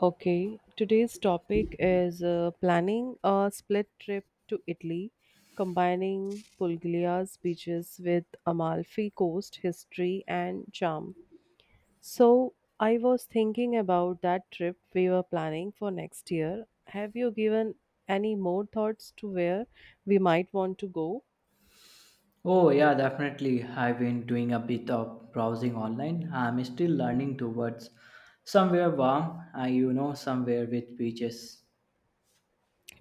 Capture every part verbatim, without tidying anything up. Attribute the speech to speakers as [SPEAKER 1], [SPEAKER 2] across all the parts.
[SPEAKER 1] Okay, today's topic is uh, planning a split trip to Italy, combining Pulglia's beaches with Amalfi coast history and charm. So, I was thinking about that trip we were planning for next year. Have you given any more thoughts to where we might want to go?
[SPEAKER 2] Oh, yeah, definitely. I've been doing a bit of browsing online. I'm still learning towards somewhere warm, uh, you know, somewhere with beaches.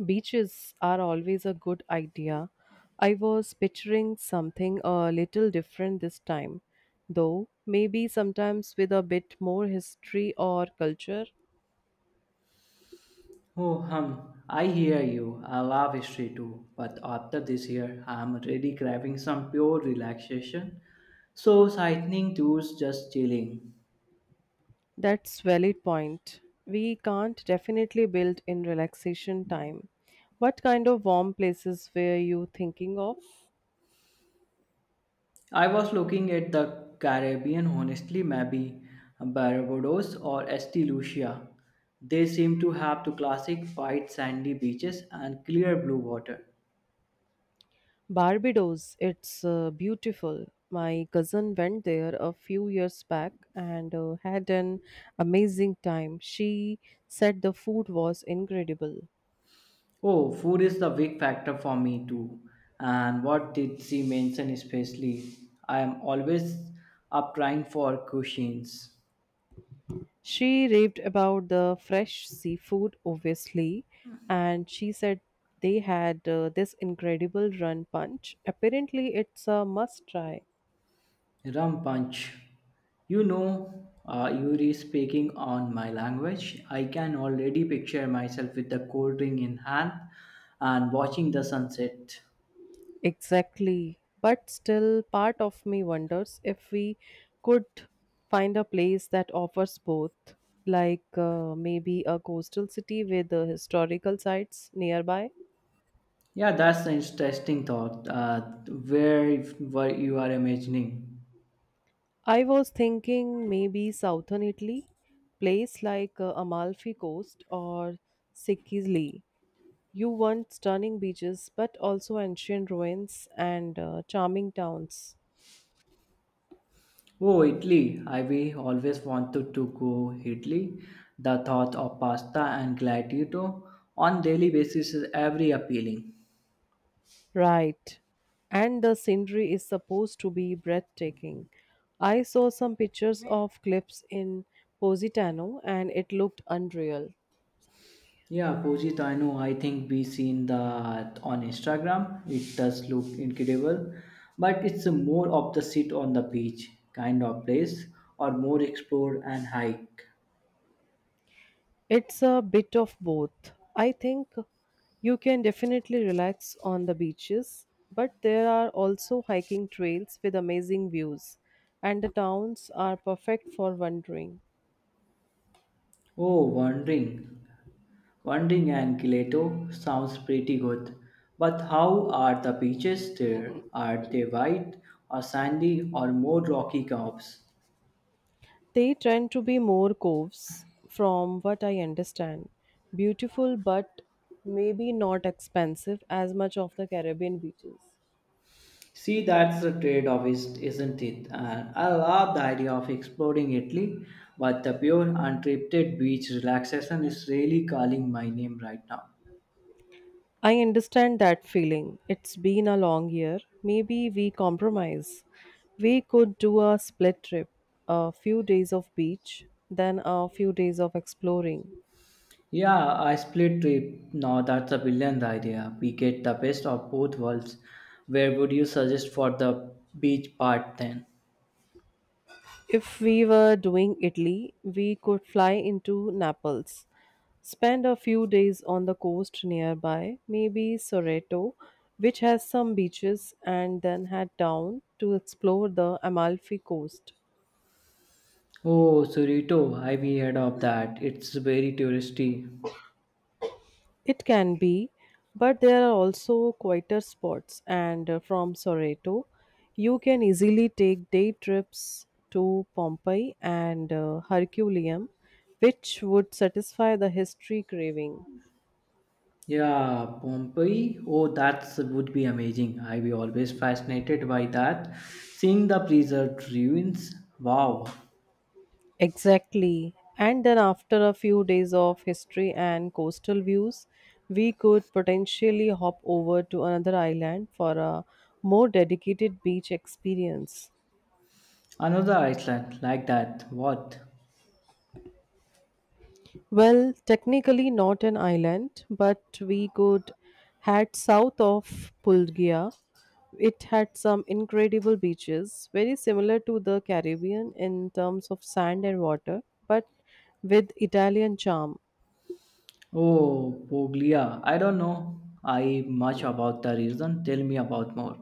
[SPEAKER 1] Beaches are always a good idea. I was picturing something a little different this time, though maybe sometimes with a bit more history or culture.
[SPEAKER 2] Oh, hum, I hear you. I love history too. But after this year, I'm really craving some pure relaxation. So, sightseeing tours, just chilling.
[SPEAKER 1] That's valid point. We can't definitely build in relaxation time. What kind of warm places were you thinking of?
[SPEAKER 2] I was looking at the Caribbean, honestly, maybe Barbados or Saint Lucia. They seem to have the classic white sandy beaches and clear blue water.
[SPEAKER 1] Barbados, it's uh, beautiful. My cousin went there a few years back and uh, had an amazing time. She said the food was incredible.
[SPEAKER 2] Oh, food is the big factor for me too. And what did she mention especially? I am always up trying for cuisines.
[SPEAKER 1] She raved about the fresh seafood, obviously, and she said they had uh, this incredible run punch. Apparently, it's a must try.
[SPEAKER 2] Ram Punch, you know, uh, you re speaking on my language. I can already picture myself with the cold drink in hand and watching the sunset.
[SPEAKER 1] Exactly. But still, part of me wonders if we could find a place that offers both, like uh, maybe a coastal city with uh, historical sites nearby.
[SPEAKER 2] Yeah, that's an interesting thought. Uh, where, where you are imagining?
[SPEAKER 1] I was thinking maybe southern Italy, place like uh, Amalfi Coast or Sicily. You want stunning beaches, but also ancient ruins and uh, charming towns.
[SPEAKER 2] Oh, Italy. I we always wanted to go Italy. The thought of pasta and gelato on daily basis is every appealing.
[SPEAKER 1] Right. And the scenery is supposed to be breathtaking. I saw some pictures of cliffs in Positano and it looked unreal.
[SPEAKER 2] Yeah, Pujit, I know. I think we seen that on Instagram. It does look incredible, but it's a more of the sit on the beach kind of place, or more explore and hike.
[SPEAKER 1] It's a bit of both. I think you can definitely relax on the beaches, but there are also hiking trails with amazing views, and the towns are perfect for wandering.
[SPEAKER 2] Oh, wandering, wandering and Gileto sounds pretty good. But how are the beaches there? Are they white or sandy or more rocky curves?
[SPEAKER 1] They tend to be more coves, from what I understand. Beautiful, but maybe not expensive as much of the Caribbean beaches.
[SPEAKER 2] See, that's the trade off, is- isn't it? And I love the idea of exploring Italy, but the pure, untreated beach relaxation is really calling my name right now.
[SPEAKER 1] I understand that feeling. It's been a long year. Maybe we compromise. We could do a split trip, a few days of beach, then a few days of exploring.
[SPEAKER 2] Yeah, I split trip. No, that's a brilliant idea. We get the best of both worlds. Where would you suggest for the beach part then?
[SPEAKER 1] If we were doing Italy, we could fly into Naples, spend a few days on the coast nearby, maybe Sorrento, which has some beaches, and then head down to explore the Amalfi coast.
[SPEAKER 2] Oh, Surito, I've heard of that. It's very touristy.
[SPEAKER 1] It can be, but there are also quieter spots, and uh, from Sorrento, you can easily take day trips to Pompeii and uh, Herculaneum, which would satisfy the history craving.
[SPEAKER 2] Yeah, Pompeii. Oh, that would be amazing. I be always fascinated by that. Seeing the preserved ruins. Wow.
[SPEAKER 1] Exactly. And then, after a few days of history and coastal views, we could potentially hop over to another island for a more dedicated beach experience.
[SPEAKER 2] Another island like that. What?
[SPEAKER 1] Well, technically not an island, but we could head south of Pulgia. It had some incredible beaches, very similar to the Caribbean in terms of sand and water, but with Italian charm.
[SPEAKER 2] Oh, Puglia. I don't know. I much about the region. Tell me about more.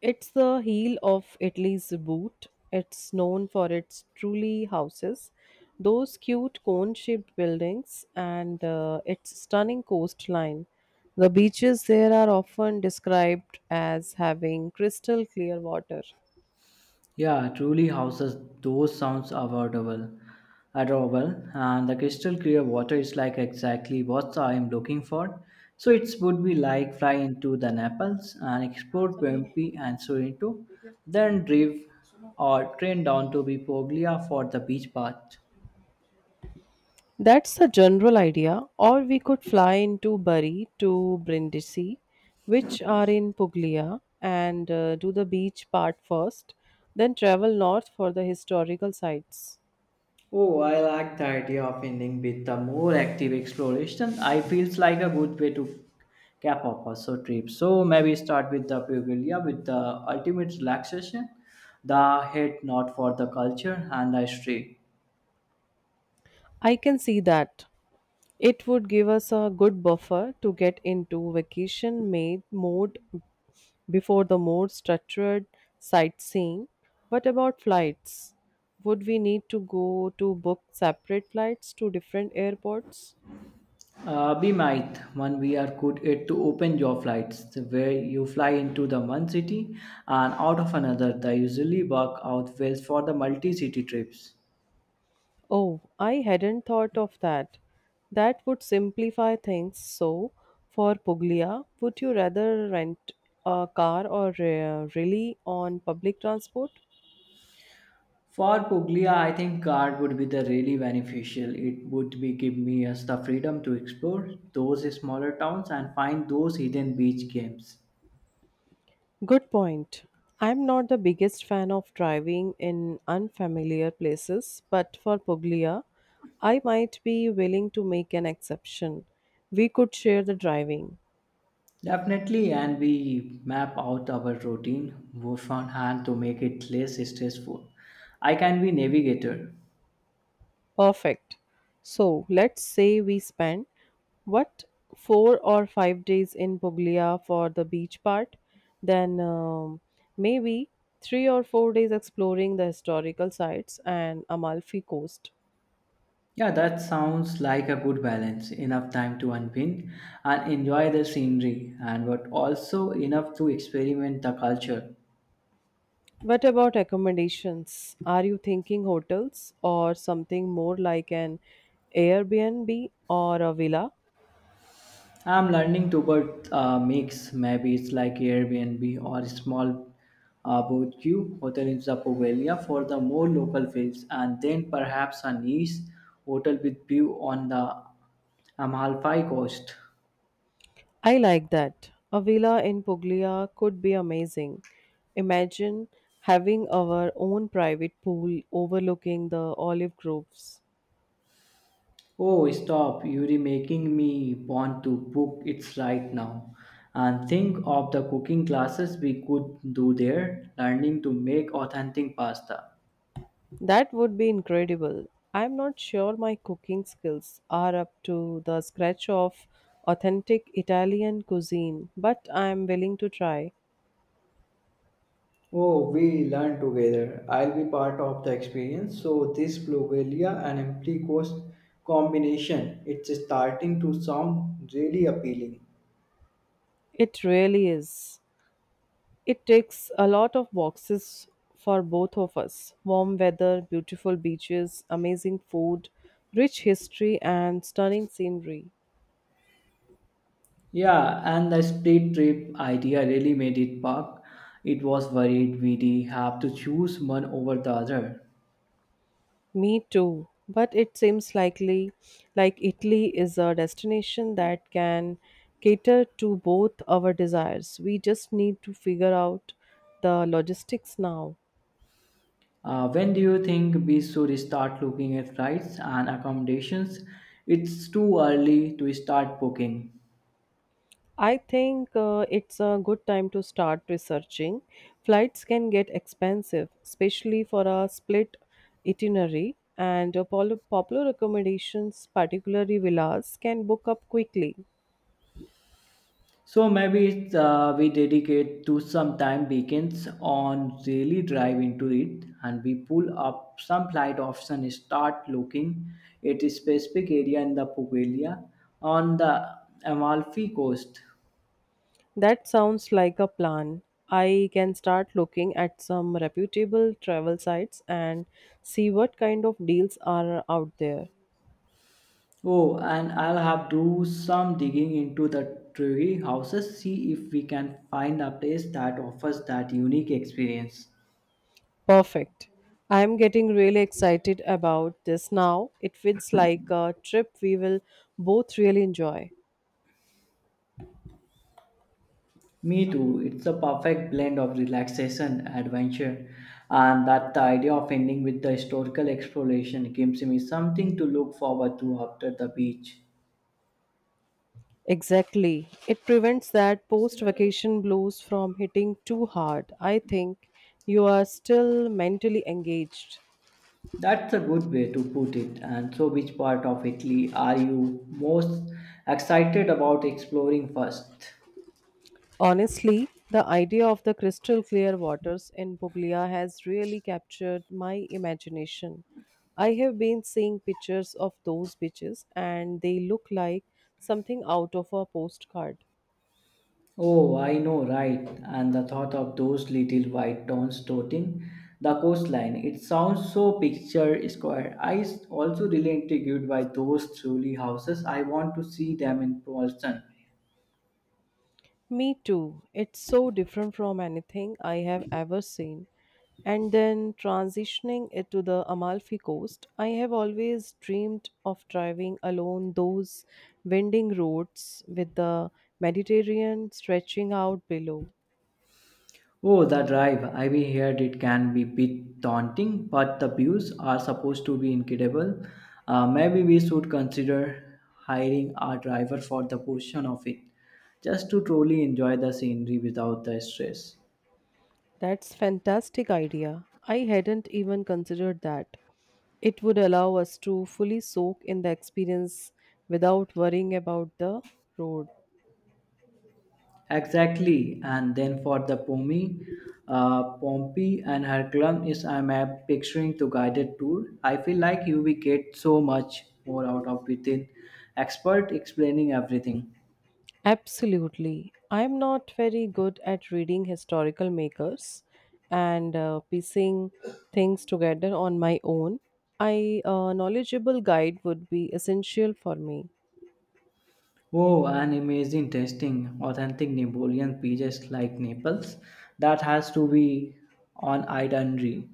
[SPEAKER 1] It's the heel of Italy's boot. It's known for its truly houses, those cute cone shaped buildings, and uh, its stunning coastline. The beaches there are often described as having crystal clear water.
[SPEAKER 2] Yeah, truly houses those sounds affordable, adorable, and the crystal clear water is like exactly what I am looking for. So it would be like fly into the Naples and explore Pompeii and Sorrento, then drive or train down to Puglia for the beach part.
[SPEAKER 1] That's the general idea, or we could fly into Bari to Brindisi, which are in Puglia, and uh, do the beach part first, then travel north for the historical sites.
[SPEAKER 2] Oh, I like the idea of ending with a more active exploration. I feels like a good way to cap off a so trip. So maybe start with the Pugilia with the ultimate relaxation, the head not for the culture and the history.
[SPEAKER 1] I can see that. It would give us a good buffer to get into vacation made mode before the more structured sightseeing. What about flights? Would we need to go to book separate flights to different airports?
[SPEAKER 2] Uh, we might one we are good it to open your flights where you fly into the one city and out of another. They usually work out well for the multi-city trips.
[SPEAKER 1] Oh, I hadn't thought of that. That would simplify things. So, for Puglia, would you rather rent a car or uh, really on public transport?
[SPEAKER 2] For Puglia, I think art would be the really beneficial. It would be give me us the freedom to explore those smaller towns and find those hidden beach games.
[SPEAKER 1] Good point. I'm not the biggest fan of driving in unfamiliar places, but for Puglia, I might be willing to make an exception. We could share the driving.
[SPEAKER 2] Definitely, and we map out our routine beforehand to make it less stressful. I can be navigator.
[SPEAKER 1] Perfect. So let's say we spend what four or five days in Puglia for the beach part, then um, maybe three or four days exploring the historical sites and Amalfi coast.
[SPEAKER 2] Yeah, that sounds like a good balance. Enough time to unwind and enjoy the scenery, and but also enough to experiment the culture.
[SPEAKER 1] What about accommodations? Are you thinking hotels or something more like an Airbnb or a villa?
[SPEAKER 2] I'm learning to what uh, mix. Maybe it's like Airbnb or a small uh, boutique hotel in the for the more local feels, and then perhaps a nice hotel with view on the um, Amalfi Coast.
[SPEAKER 1] I like that. A villa in Puglia could be amazing. Imagine having our own private pool overlooking the olive groves.
[SPEAKER 2] Oh, stop! You're making me want to book it right now. And think of the cooking classes we could do there, learning to make authentic pasta.
[SPEAKER 1] That would be incredible. I'm not sure my cooking skills are up to the scratch of authentic Italian cuisine, but I'm willing to try.
[SPEAKER 2] Oh, we learn together. I'll be part of the experience. So this Blogelia and empty coast combination, it's starting to sound really appealing.
[SPEAKER 1] It really is. It takes a lot of boxes for both of us warm weather, beautiful beaches, amazing food, rich history, and stunning scenery.
[SPEAKER 2] Yeah, and the split trip idea really made it work. It was worried we would have to choose one over the other.
[SPEAKER 1] Me too. But it seems likely like Italy is a destination that can cater to both our desires. We just need to figure out the logistics now.
[SPEAKER 2] Uh, when do you think we should start looking at flights and accommodations? It's too early to start booking.
[SPEAKER 1] I think uh, it's a good time to start researching. Flights can get expensive, especially for a split itinerary, and uh, pol- popular accommodations, particularly villas, can book up quickly.
[SPEAKER 2] So maybe it's, uh, we dedicate to some time weekends on really drive into it and we pull up some flight option and start looking at a specific area in the Puglia on the Amalfi coast.
[SPEAKER 1] That sounds like a plan. I can start looking at some reputable travel sites and see what kind of deals are out there.
[SPEAKER 2] Oh, and I'll have do some digging into the tree houses, see if we can find a place that offers that unique experience.
[SPEAKER 1] Perfect. I'm getting really excited about this now. It feels like a trip we will both really enjoy.
[SPEAKER 2] Me too. It's a perfect blend of relaxation, adventure, and that the idea of ending with the historical exploration gives me something to look forward to after the beach.
[SPEAKER 1] Exactly. It prevents that post vacation blues from hitting too hard. I think you are still mentally engaged.
[SPEAKER 2] That's a good way to put it. And so, which part of Italy are you most excited about exploring first?
[SPEAKER 1] Honestly, the idea of the crystal clear waters in Puglia has really captured my imagination. I have been seeing pictures of those beaches and they look like something out of a postcard.
[SPEAKER 2] Oh, I know, right. And the thought of those little white tones dotting the coastline, it sounds so picture square. I s- also really intrigued by those truly houses. I want to see them in person.
[SPEAKER 1] Me too. It's so different from anything I have ever seen. And then transitioning it to the Amalfi Coast, I have always dreamed of driving along those winding roads with the Mediterranean stretching out below.
[SPEAKER 2] Oh, the drive. I've heard it can be bit daunting, but the views are supposed to be incredible. Uh, maybe we should consider hiring a driver for the portion of it, just to truly enjoy the scenery without the stress.
[SPEAKER 1] That's fantastic idea. I hadn't even considered that. It would allow us to fully soak in the experience without worrying about the road.
[SPEAKER 2] Exactly, and then for the Pomi, uh, Pompey and her club is I'm uh, picturing to guided tour. I feel like you will get so much more out of within expert explaining everything.
[SPEAKER 1] Absolutely. I'm not very good at reading historical makers and uh, piecing things together on my own. A uh, knowledgeable guide would be essential for me.
[SPEAKER 2] Oh, an amazing tasting authentic Napoleon pizzas like Naples. That has to be on itinerary.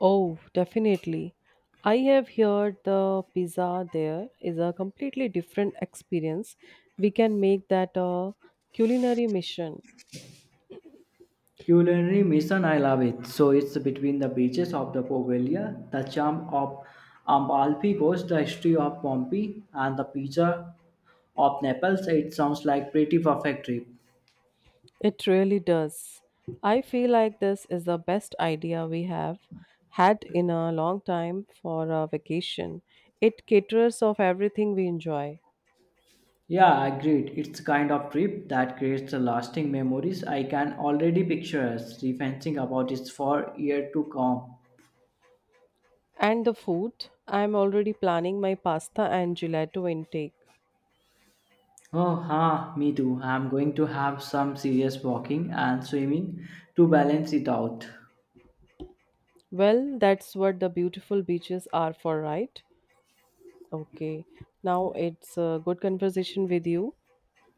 [SPEAKER 1] Oh, definitely. I have heard the pizza there is a completely different experience. We can make that a culinary mission.
[SPEAKER 2] Culinary mission, I love it. So it's between the beaches of the Poveglia, the charm of Amalfi Coast, the history of Pompeii, and the pizza of Naples. It sounds like pretty perfect trip.
[SPEAKER 1] It really does. I feel like this is the best idea we have had in a long time for a vacation. It caters of everything we enjoy.
[SPEAKER 2] Yeah, agreed. It's kind of trip that creates the lasting memories. I can already picture us reminiscing about it for year to come.
[SPEAKER 1] And the food, I'm already planning my pasta and gelato intake.
[SPEAKER 2] Oh, ha, me too. I'm going to have some serious walking and swimming to balance it out.
[SPEAKER 1] Well, that's what the beautiful beaches are for, right? Okay. Now it's a good conversation with you.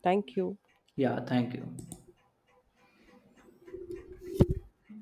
[SPEAKER 1] Thank you.
[SPEAKER 2] Yeah, thank you.